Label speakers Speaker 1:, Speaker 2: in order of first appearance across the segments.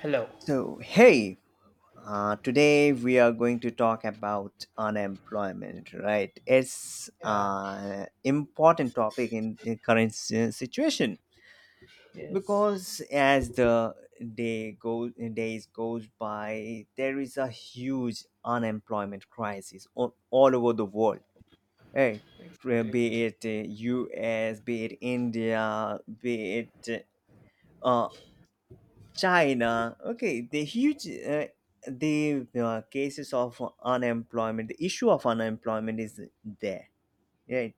Speaker 1: Hello.
Speaker 2: So, hey, today we are going to talk about unemployment, right? It's
Speaker 1: Yeah.
Speaker 2: an important topic in the current situation
Speaker 1: Yes.
Speaker 2: because as the days goes by, there is a huge unemployment crisis all over the world, right?
Speaker 1: Exactly.
Speaker 2: Be it U.S., be it India, be it uh, China. Okay, the huge the cases of unemployment, the issue of unemployment is there, right?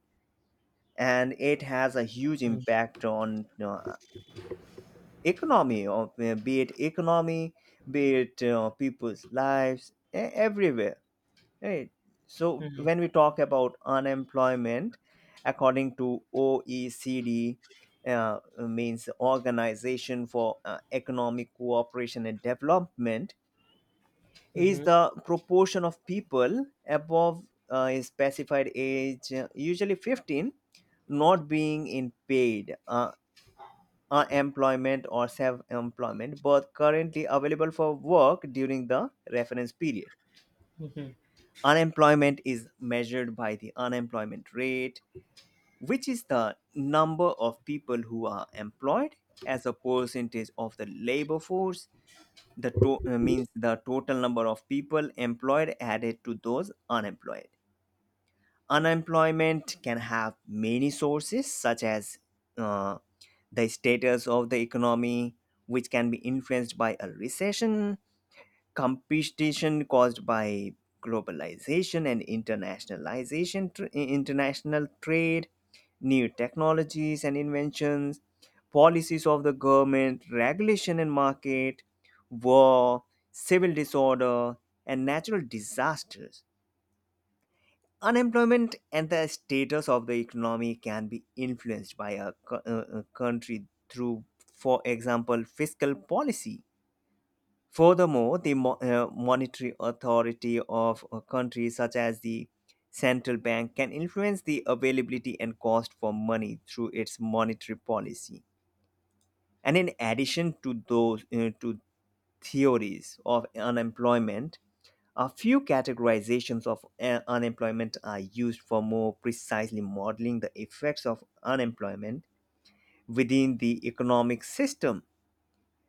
Speaker 2: And it has a huge impact on economy, or be it economy, be it people's lives, everywhere, right? So
Speaker 1: Mm-hmm.
Speaker 2: when we talk about unemployment, according to OECD, means Organization for Economic Cooperation and Development is
Speaker 1: Mm-hmm.
Speaker 2: the proportion of people above a specified age, usually 15, not being in paid employment or self employment, but currently available for work during the reference period.
Speaker 1: Hmm.
Speaker 2: Unemployment is measured by the unemployment rate, which is the number of people who are employed as a percentage of the labor force. Means the total number of people employed added to those unemployed. Unemployment can have many sources, such as uh, the status of the economy, which can be influenced by a recession, competition caused by globalization and internationalization, international trade, new technologies and inventions, policies of the government, regulation and market, war, civil disorder, and natural disasters. Unemployment and the status of the economy can be influenced by a, co- a country through, for example, fiscal policy. Furthermore, the monetary authority of a country, such as the central bank, can influence the availability and cost for money through its monetary policy. And in addition to those to theories of unemployment, a few categorizations of unemployment are used for more precisely modeling the effects of unemployment within the economic system.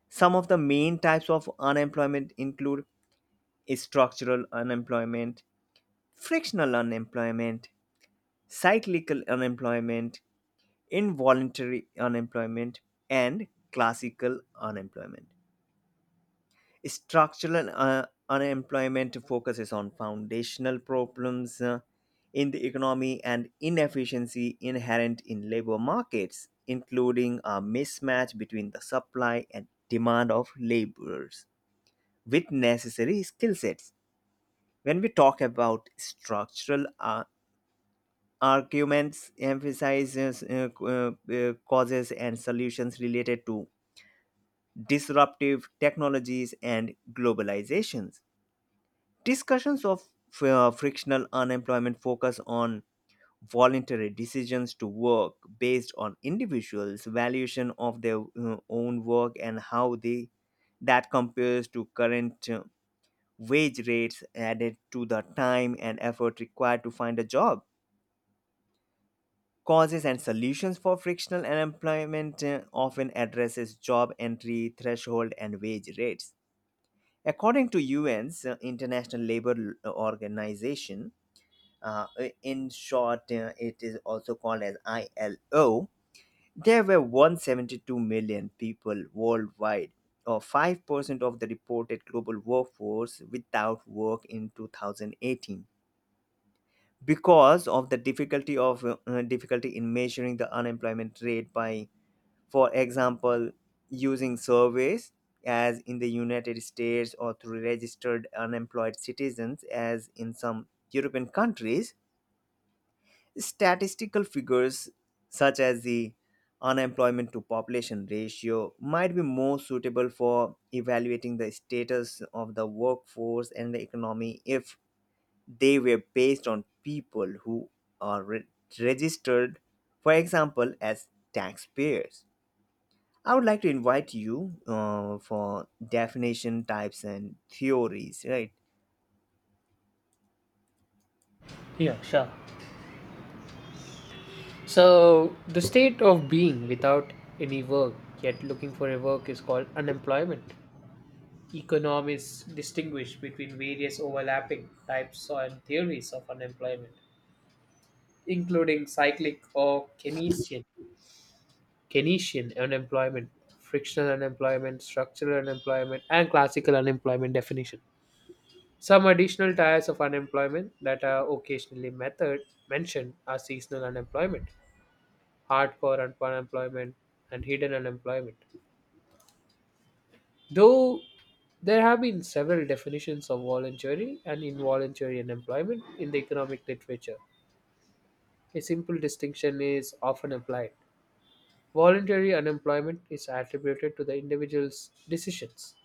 Speaker 2: Some of the main types of unemployment include structural unemployment, frictional unemployment, cyclical unemployment, involuntary unemployment, and classical unemployment. Structural unemployment focuses on foundational problems in the economy and inefficiency inherent in labor markets, including a mismatch between the supply and demand of laborers with necessary skill sets. When we talk about structural arguments, emphasizes causes and solutions related to disruptive technologies and globalizations. Discussions of frictional unemployment focus on voluntary decisions to work based on individuals valuation of their own work and how they that compares to current wage rates added to the time and effort required to find a job. Causes and solutions for frictional unemployment often addresses job entry threshold and wage rates. According to UN's International Labor Organization, in short, it is also called as ILO, there were 172 million people worldwide, or 5% of the reported global workforce, without work in 2018. Because of the difficulty in measuring the unemployment rate by, for example, using surveys, as in the United States, or through registered unemployed citizens, as in some European countries, statistical figures such as the unemployment to population ratio might be more suitable for evaluating the status of the workforce and the economy if they were based on people who are re- registered, for example, as taxpayers. I would like to invite you for definition types and theories, right?
Speaker 1: Yeah, sure. So, the state of being without any work yet looking for a work is called unemployment. Economists distinguish between various overlapping types and theories of unemployment, including cyclic or Keynesian unemployment, frictional unemployment, structural unemployment, and classical unemployment definition. Some additional types of unemployment that are occasionally method mentioned are seasonal unemployment, unemployment, and hidden unemployment. Though there have been several definitions of voluntary and involuntary unemployment in the economic literature. A simple distinction is often applied. Voluntary unemployment is attributed to the individual's decisions,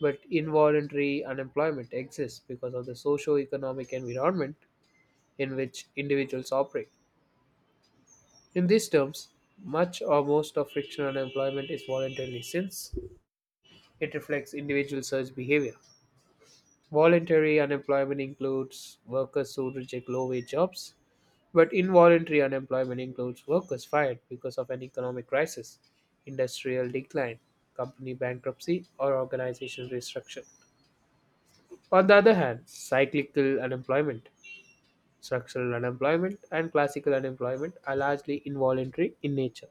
Speaker 1: but involuntary unemployment exists because of the socio economic environment in which individuals operate. In these terms, much or most of frictional unemployment is voluntary since it reflects individual search behavior. Voluntary unemployment includes workers who reject low wage jobs, but involuntary unemployment includes workers fired because of an economic crisis, industrial decline, company bankruptcy, or organizational restructuring. On the other hand, cyclical unemployment, structural unemployment, and classical unemployment are largely involuntary in nature.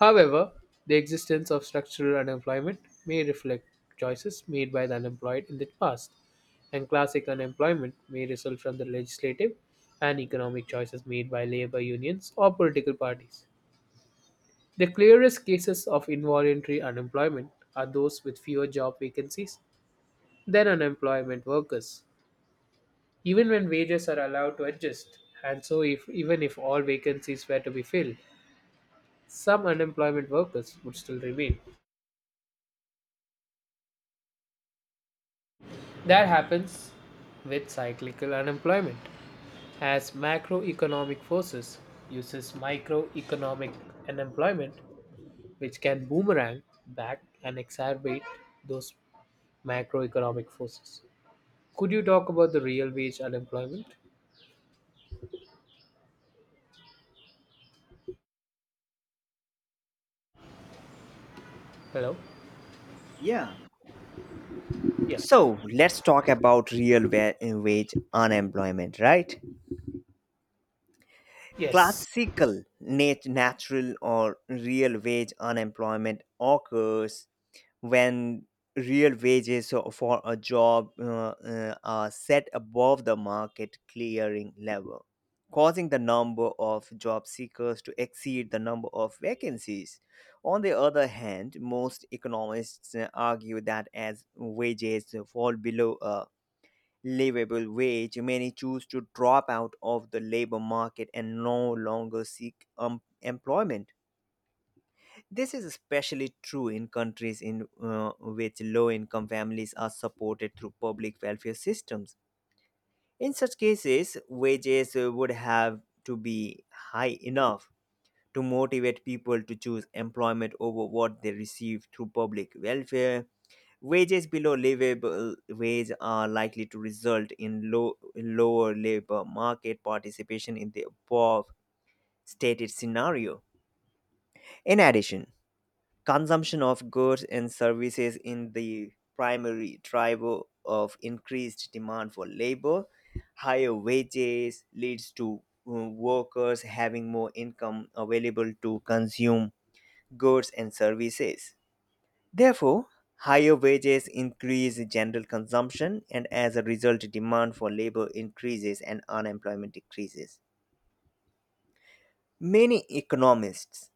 Speaker 1: However, the existence of structural unemployment may reflect choices made by the unemployed in the past, and classic unemployment may result from the legislative and economic choices made by labor unions or political parties. The clearest cases of involuntary unemployment are those with fewer job vacancies than unemployment workers. Even when wages are allowed to adjust, and so if, even if all vacancies were to be filled, some unemployment workers would still remain. That happens with cyclical unemployment as macroeconomic forces uses microeconomic unemployment which can boomerang back and exacerbate those macroeconomic forces. Could you talk about the real wage unemployment? Hello?
Speaker 2: Yeah.
Speaker 1: Yeah.
Speaker 2: So let's talk about real wage unemployment, right?
Speaker 1: Yes.
Speaker 2: Classical natural or real wage unemployment occurs when real wages for a job are set above the market clearing level, causing the number of job seekers to exceed the number of vacancies. On the other hand, most economists argue that as wages fall below a livable wage, many choose to drop out of the labor market and no longer seek employment. This is especially true in countries in which low-income families are supported through public welfare systems. In such cases, wages would have to be high enough to motivate people to choose employment over what they receive through public welfare. Wages below livable wage are likely to result in lower labor market participation in the above stated scenario. In addition, consumption of goods and services in the primary driver of increased demand for labor, higher wages leads to workers having more income available to consume goods and services. Therefore, higher wages increase general consumption, and as a result, demand for labor increases and unemployment decreases. Many economists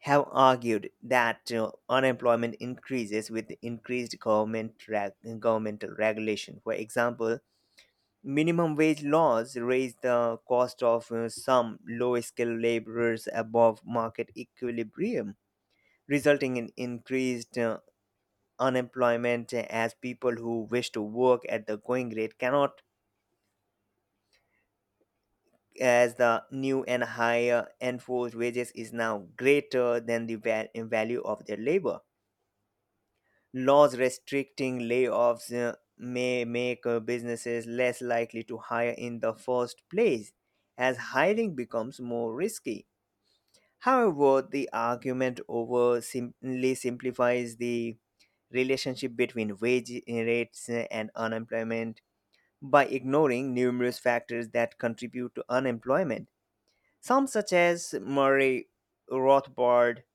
Speaker 2: have argued that unemployment increases with increased governmental regulation. For example, minimum wage laws raise the cost of some low-skilled laborers above market equilibrium, resulting in increased unemployment as people who wish to work at the going rate cannot, as the new and higher enforced wages is now greater than the value of their labor. Laws restricting layoffs may make businesses less likely to hire in the first place as hiring becomes more risky. However, the argument over simply simplifies the relationship between wage rates and unemployment by ignoring numerous factors that contribute to unemployment. Some, such as Murray Rothbard,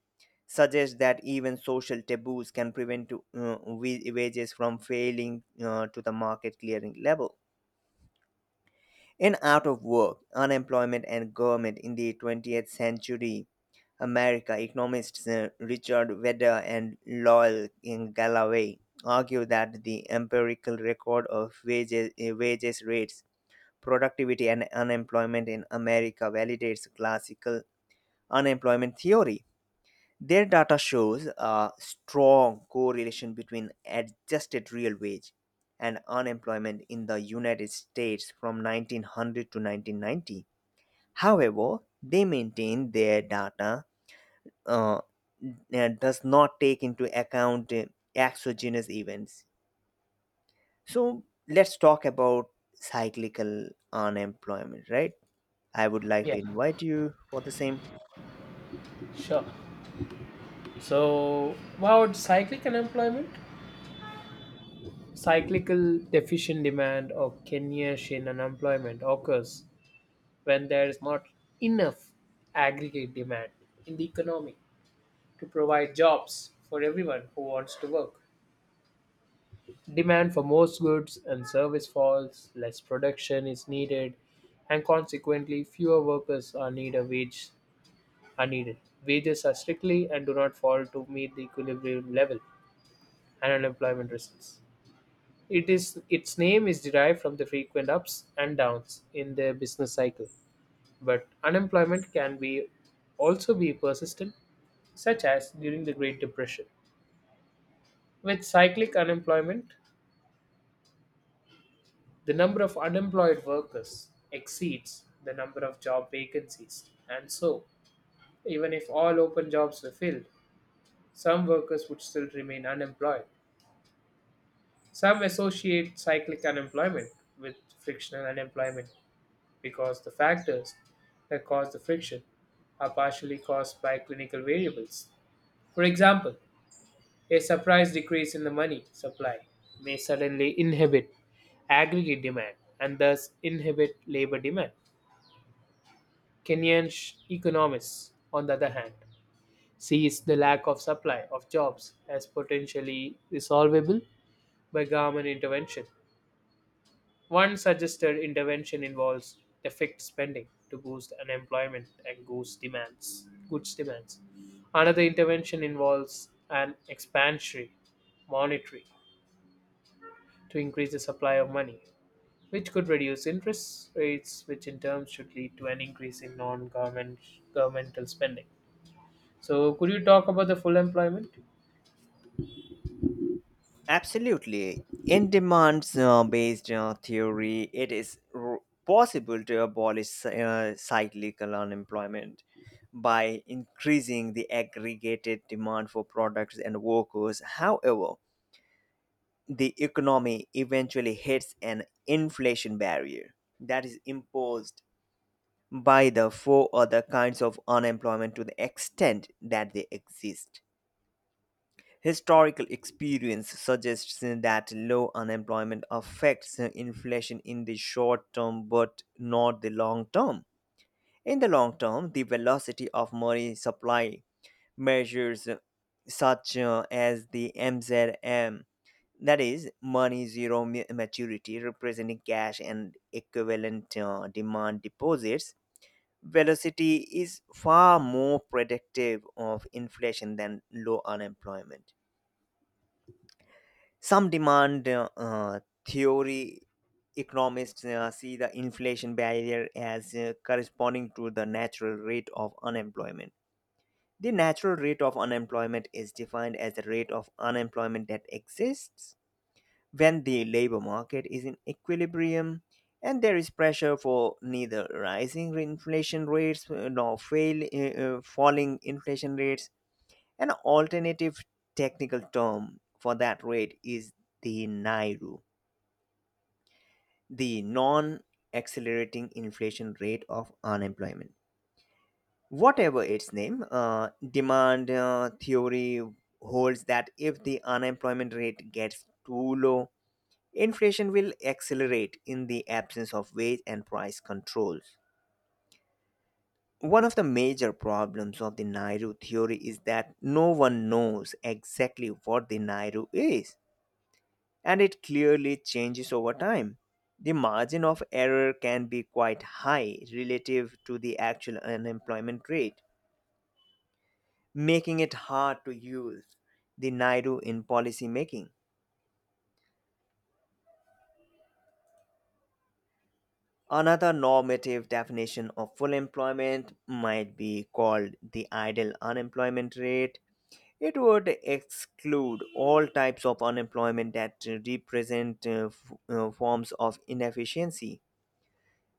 Speaker 2: suggest that even social taboos can prevent wages from failing to the market clearing level. In Out of Work, Unemployment and Government in the 20th Century America, economists Richard Vedder and Lowell in Galloway argue that the empirical record of wages rates, Productivity and Unemployment in America validates classical unemployment theory. Their data shows a strong correlation between adjusted real wage and unemployment in the United States from 1900 to 1990. However, they maintain their data uh, and does not take into account exogenous events. So let's talk about cyclical unemployment, right? I would like
Speaker 1: Yeah.
Speaker 2: to invite you for the same.
Speaker 1: Sure. So, about cyclic unemployment, cyclical deficient demand or Keynesian unemployment occurs when there is not enough aggregate demand in the economy to provide jobs for everyone who wants to work. Demand for most goods and service falls, less production is needed, and consequently fewer workers are needed. Wages are strictly and do not fall to meet the equilibrium level and unemployment results. It is its name is derived from the frequent ups and downs in the business cycle. But unemployment can be persistent, such as during the Great Depression. With cyclic unemployment, the number of unemployed workers exceeds the number of job vacancies, and so, even if all open jobs were filled, some workers would still remain unemployed. Some associate cyclic unemployment with frictional unemployment because the factors that cause the friction are partially caused by clinical variables. For example, a surprise decrease in the money supply may suddenly inhibit aggregate demand and thus inhibit labor demand. Economists, on the other hand, sees the lack of supply of jobs as potentially resolvable by government intervention. One suggested intervention involves defect spending to boost unemployment and goods demands. Another intervention involves an expansionary monetary to increase the supply of money, which could reduce interest rates, which in turn should lead to an increase in non-government governmental spending. So, could you talk about the full employment?
Speaker 2: Absolutely. In demand based theory, it is possible to abolish cyclical unemployment by increasing the aggregated demand for products and workers. However, the economy eventually hits an inflation barrier that is imposed by the four other kinds of unemployment to the extent that they exist. Historical experience suggests that low unemployment affects inflation in the short term but not the long term. In the long term, the velocity of money supply measures such as the MZM, that is, money zero maturity representing cash and equivalent demand deposits, velocity is far more predictive of inflation than low unemployment. Some demand theory economists see the inflation barrier as corresponding to the natural rate of unemployment. The natural rate of unemployment is defined as the rate of unemployment that exists when the labor market is in equilibrium and there is pressure for neither rising inflation rates nor falling inflation rates. An alternative technical term for that rate is the NIRU, the non accelerating inflation rate of unemployment. Whatever its name, demand theory holds that if the unemployment rate gets too low, inflation will accelerate in the absence of wage and price controls. One of the major problems of the Nairu theory is that no one knows exactly what the Nairu is, and it clearly changes over time. The margin of error can be quite high relative to the actual unemployment rate, making it hard to use the NIDU in policy making. Another normative definition of full employment might be called the idle unemployment rate. It would exclude all types of unemployment that represent forms of inefficiency.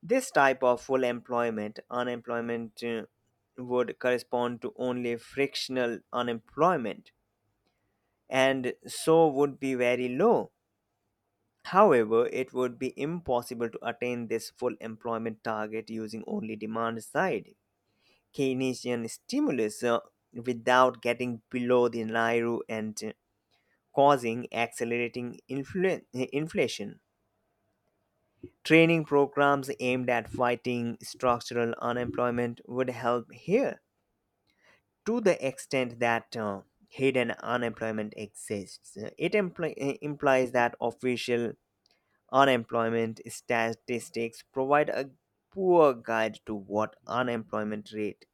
Speaker 2: This type of full employment unemployment would correspond to only frictional unemployment and so would be very low. However, it would be impossible to attain this full employment target using only demand side Keynesian stimulus without getting below the Nairo and causing accelerating inflation. Training programs aimed at fighting structural unemployment would help here. To the extent that hidden unemployment exists, it implies that official unemployment statistics provide a poor guide to what unemployment rate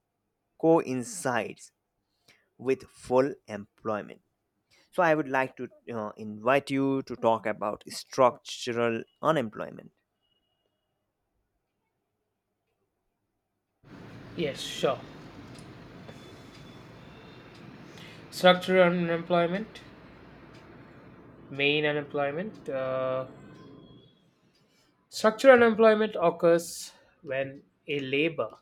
Speaker 2: coincides with full employment. So, I would like to invite you to talk about structural unemployment.
Speaker 1: Yes, sure. Structural unemployment, main unemployment. Structural unemployment occurs when a labor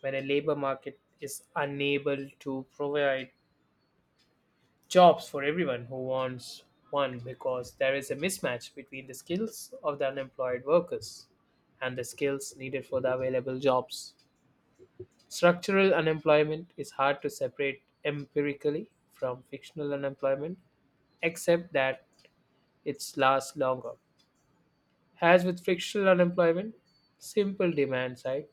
Speaker 1: when a labor market is unable to provide jobs for everyone who wants one because there is a mismatch between the skills of the unemployed workers and the skills needed for the available jobs. Structural unemployment is hard to separate empirically from fictional unemployment, except that it lasts longer. As with fictional unemployment, simple demand side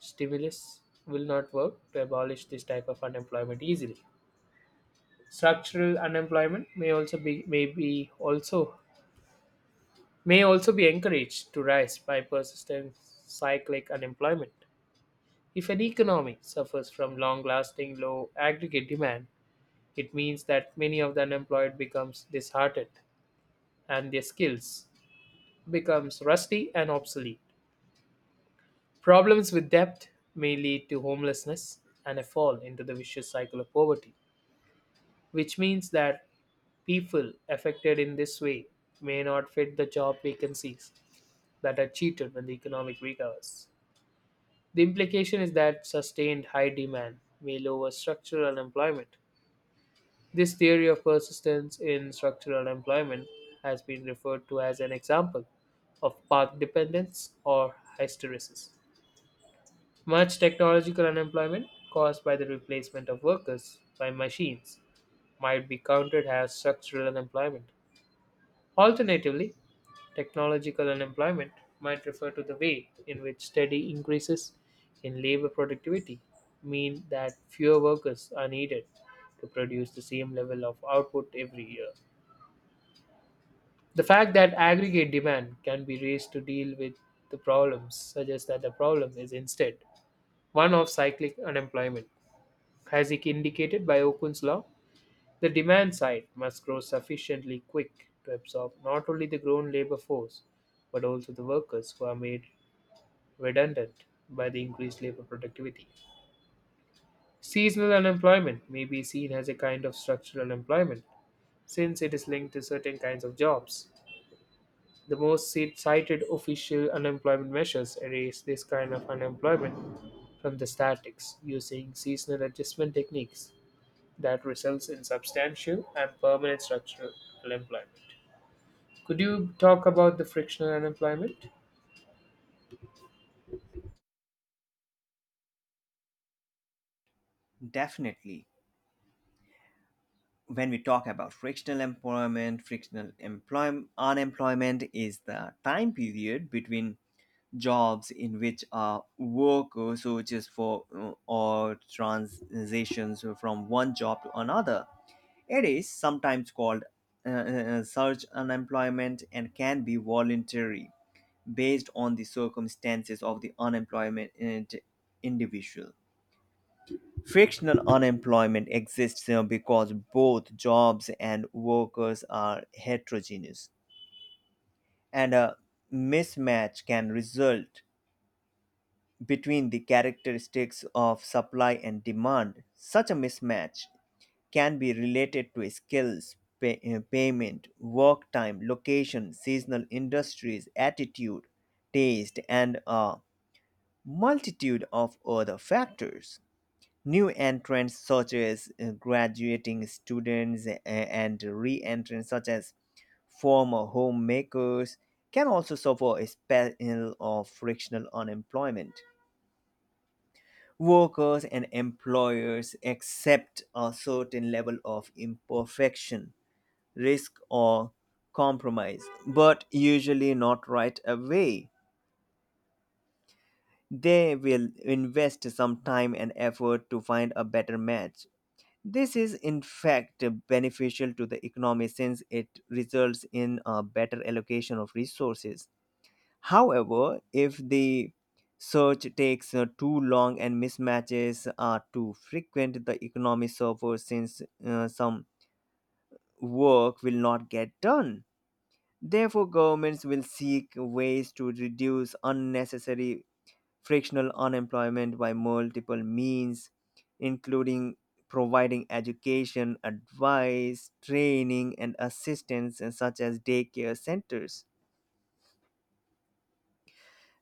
Speaker 1: stimulus will not work to abolish this type of unemployment easily. Structural unemployment may also be encouraged to rise by persistent cyclic unemployment. If an economy suffers from long lasting low aggregate demand, it means that many of the unemployed becomes disheartened and their skills becomes rusty and obsolete. Problems with debt may lead to homelessness and a fall into the vicious cycle of poverty, which means that people affected in this way may not fit the job vacancies that are cheated when the economic recovers. The implication is that sustained high demand may lower structural employment. This theory of persistence in structural employment has been referred to as an example of path dependence or hysteresis. Much technological unemployment caused by the replacement of workers by machines might be counted as structural unemployment. Alternatively, technological unemployment might refer to the way in which steady increases in labor productivity mean that fewer workers are needed to produce the same level of output every year. The fact that aggregate demand can be raised to deal with the problems suggests that the problem is instead one of cyclic unemployment. As indicated by Okun's law, the demand side must grow sufficiently quick to absorb not only the grown labor force but also the workers who are made redundant by the increased labor productivity. Seasonal unemployment may be seen as a kind of structural employment since it is linked to certain kinds of jobs. The most cited official unemployment measures erase this kind of unemployment from the statistics using seasonal adjustment techniques that results in substantial and permanent structural unemployment. Could you talk about the frictional unemployment?
Speaker 2: Definitely. When we talk about frictional employment, frictional unemployment is the time period between jobs in which a worker searches for or transitions from one job to another. It is sometimes called search unemployment and can be voluntary based on the circumstances of the unemployment individual. Frictional unemployment exists because both jobs and workers are heterogeneous, and a mismatch can result between the characteristics of supply and demand. Such a mismatch can be related to skills, payment, work time, location, seasonal industries, attitude, taste, and a multitude of other factors. New entrants, such as graduating students, and re entrants, such as former homemakers, can also suffer a spell of frictional unemployment. Workers and employers accept a certain level of imperfection, risk, or compromise, but usually not right away. They will invest some time and effort to find a better match. This is, in fact, beneficial to the economy since it results in a better allocation of resources. However, if the search takes too long and mismatches are too frequent, the economy suffers since some work will not get done. Therefore, governments will seek ways to reduce unnecessary frictional unemployment by multiple means, including providing education, advice, training, and assistance, such as daycare centers.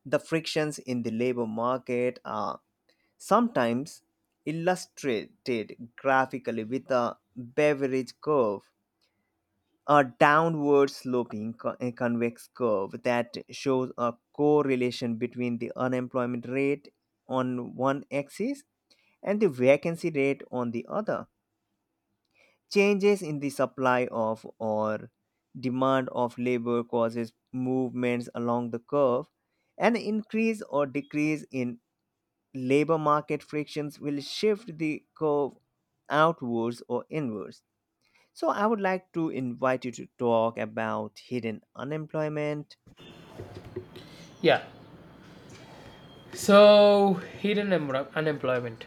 Speaker 2: The frictions in the labor market are sometimes illustrated graphically with a beverage curve, a downward sloping a convex curve that shows a correlation between the unemployment rate on one axis and the vacancy rate on the other. Changes in the supply of or demand of labor causes movements along the curve, an increase or decrease in labor market frictions will shift the curve outwards or inwards. So, I would like to invite you to talk about hidden unemployment.
Speaker 1: Yeah. So unemployment.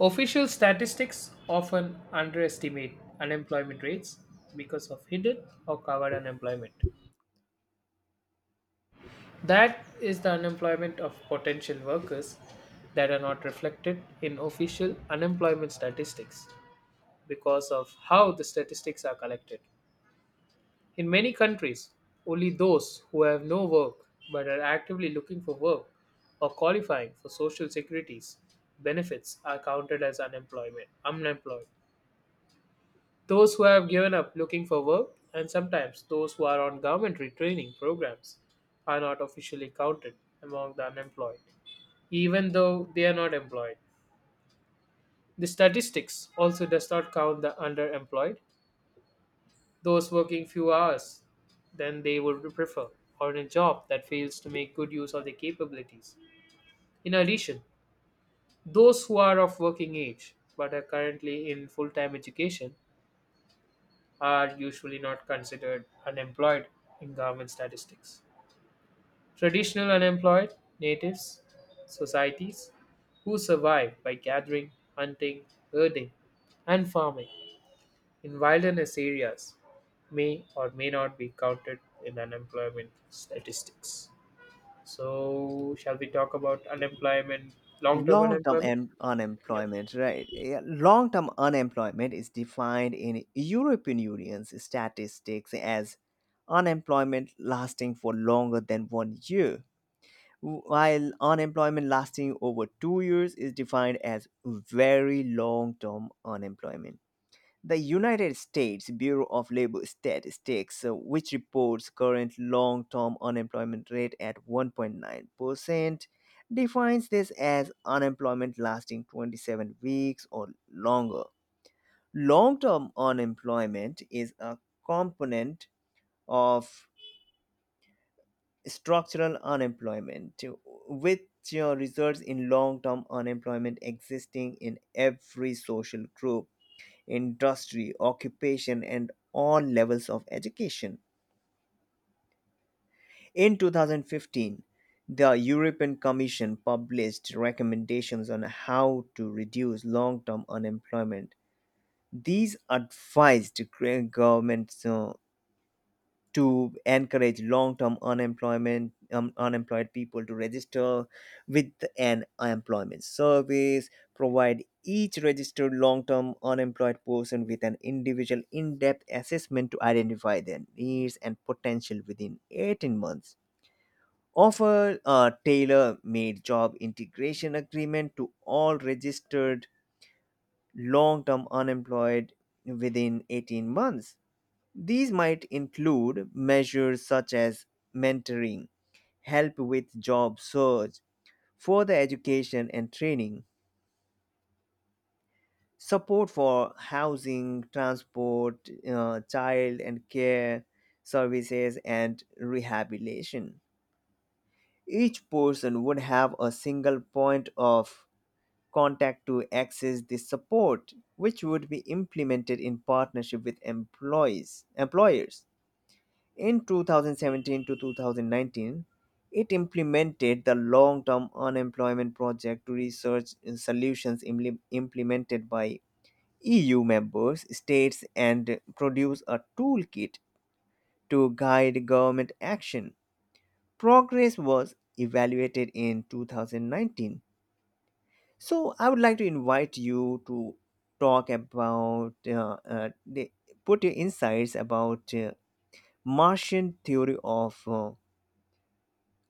Speaker 1: Official statistics often underestimate unemployment rates because of hidden or covered unemployment. That is the unemployment of potential workers that are not reflected in official unemployment statistics because of how the statistics are collected. In many countries, only those who have no work but are actively looking for work or qualifying for social securities benefits are counted as unemployment unemployed. Those who have given up looking for work, and sometimes those who are on governmentary training programs are not officially counted among the unemployed, even though they are not employed. The statistics also does not count the underemployed, those working few hours than they would prefer, or in a job that fails to make good use of their capabilities. In addition, those who are of working age but are currently in full time education are usually not considered unemployed in government statistics. Traditional unemployed natives societies who survive by gathering, hunting, herding, and farming in wilderness areas may or may not be counted in unemployment statistics. So, shall we talk about long term
Speaker 2: Long term
Speaker 1: unemployment? Yep.
Speaker 2: unemployment, right? Long term unemployment is defined in European Union's statistics as unemployment lasting for longer than 1 year, while unemployment lasting over 2 years is defined as very long term unemployment. The United States Bureau of Labor Statistics, which reports current long term unemployment rate at 1.9%, defines this as unemployment lasting 27 weeks or longer. Long term unemployment is a component of structural unemployment, which results in long term unemployment existing in every social group industry, occupation, and all levels of education. In 2015, the European Commission published recommendations on how to reduce long term unemployment. These advised governments to encourage long-term unemployment unemployed people to register with an employment service, provide each registered long-term unemployed person with an individual in-depth assessment to identify their needs and potential within 18 months, offer a tailor-made job integration agreement to all registered long-term unemployed within 18 months. These might include measures such as mentoring, help with job search, further education and training, support for housing, transport, child and care services, and rehabilitation. Each person would have a single point of contact to access this support, which would be implemented in partnership with employees, employers. In 2017 to 2019, it implemented the long term unemployment project to research solutions implemented by EU members, states, and produce a toolkit to guide government action. Progress was evaluated in 2019. So, I would like to invite you to talk about put your insights about Martian theory of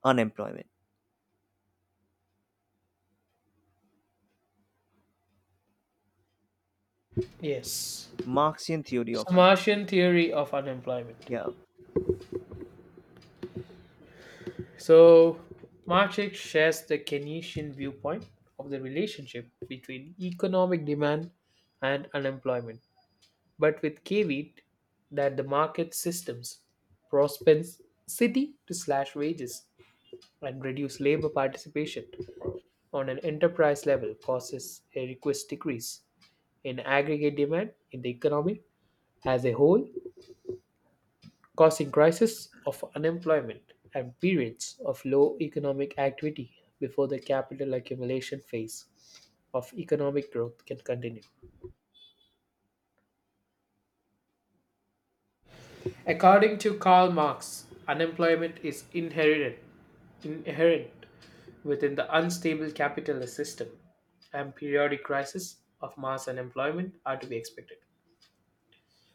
Speaker 2: unemployment.
Speaker 1: Yes.
Speaker 2: Marxian theory of
Speaker 1: So, Martian theory of unemployment.
Speaker 2: yeah,
Speaker 1: So, Marchik shares the Keynesian viewpoint of the relationship between economic demand and unemployment, but with caveat that the market systems propensity to slash wages and reduce labor participation on an enterprise level causes a request decrease in aggregate demand in the economy as a whole causing crises of unemployment and periods of low economic activity before the capital accumulation phase of economic growth can continue. According to Karl Marx, unemployment is inherent within the unstable capitalist system, and periodic crises of mass unemployment are to be expected.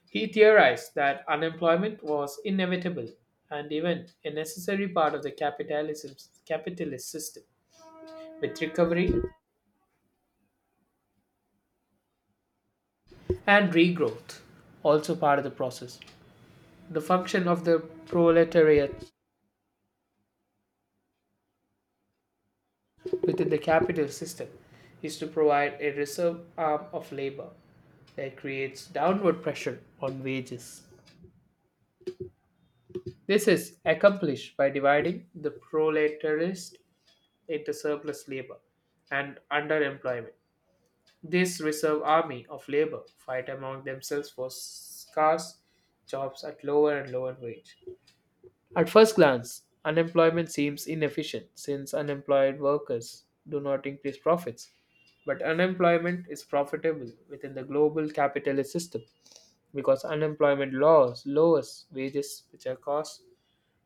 Speaker 1: He theorized that unemployment was inevitable and even a necessary part of the capitalism's capitalist system with recovery and regrowth also part of the process. The function of the proletariat within the capital system is to provide a reserve arm of labor that creates downward pressure on wages. This is accomplished by dividing the proletariat into surplus labor and underemployment. This reserve army of labor fight among themselves for scarce jobs at lower and lower wage. At first glance, unemployment seems inefficient since unemployed workers do not increase profits. But unemployment is profitable within the global capitalist system because unemployment laws lowers wages, which are costs,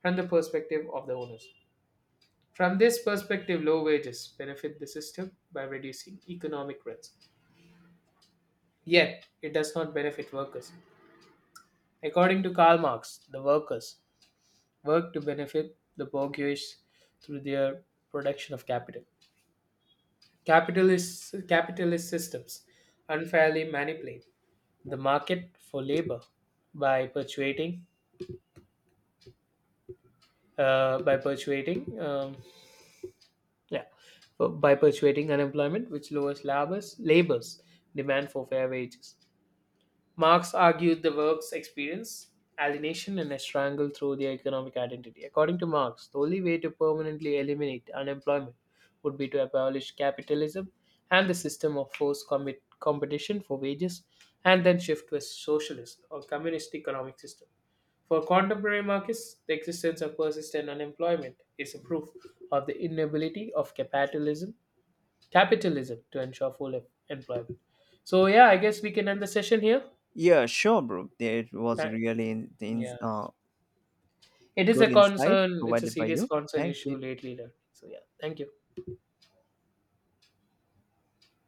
Speaker 1: and the perspective of the owners. From this perspective, low wages benefit the system by reducing economic rents. Yet, it does not benefit workers. According to Karl Marx, the workers work to benefit the bourgeois through their production of capital. Capitalist systems unfairly manipulate the market for labor by perpetuating, by perpetuating, yeah, by perpetuating unemployment, which lowers labors demand for fair wages. Marx argued the works experience alienation and a strangle through their economic identity. According to Marx, the only way to permanently eliminate unemployment would be to abolish capitalism and the system of competition for wages and then shift to a socialist or communist economic system. For contemporary Marxists, the existence of persistent unemployment is a proof of the inability of capitalism to ensure employment. So yeah, I guess we can end the session here.
Speaker 2: yeah, sure, bro. It was
Speaker 1: Tha-
Speaker 2: really
Speaker 1: yeah. It is a
Speaker 2: good insight
Speaker 1: concern. It's a
Speaker 2: provided by
Speaker 1: serious
Speaker 2: you.
Speaker 1: concern
Speaker 2: Thank you.
Speaker 1: issue lately. Learning. So yeah. Thank you.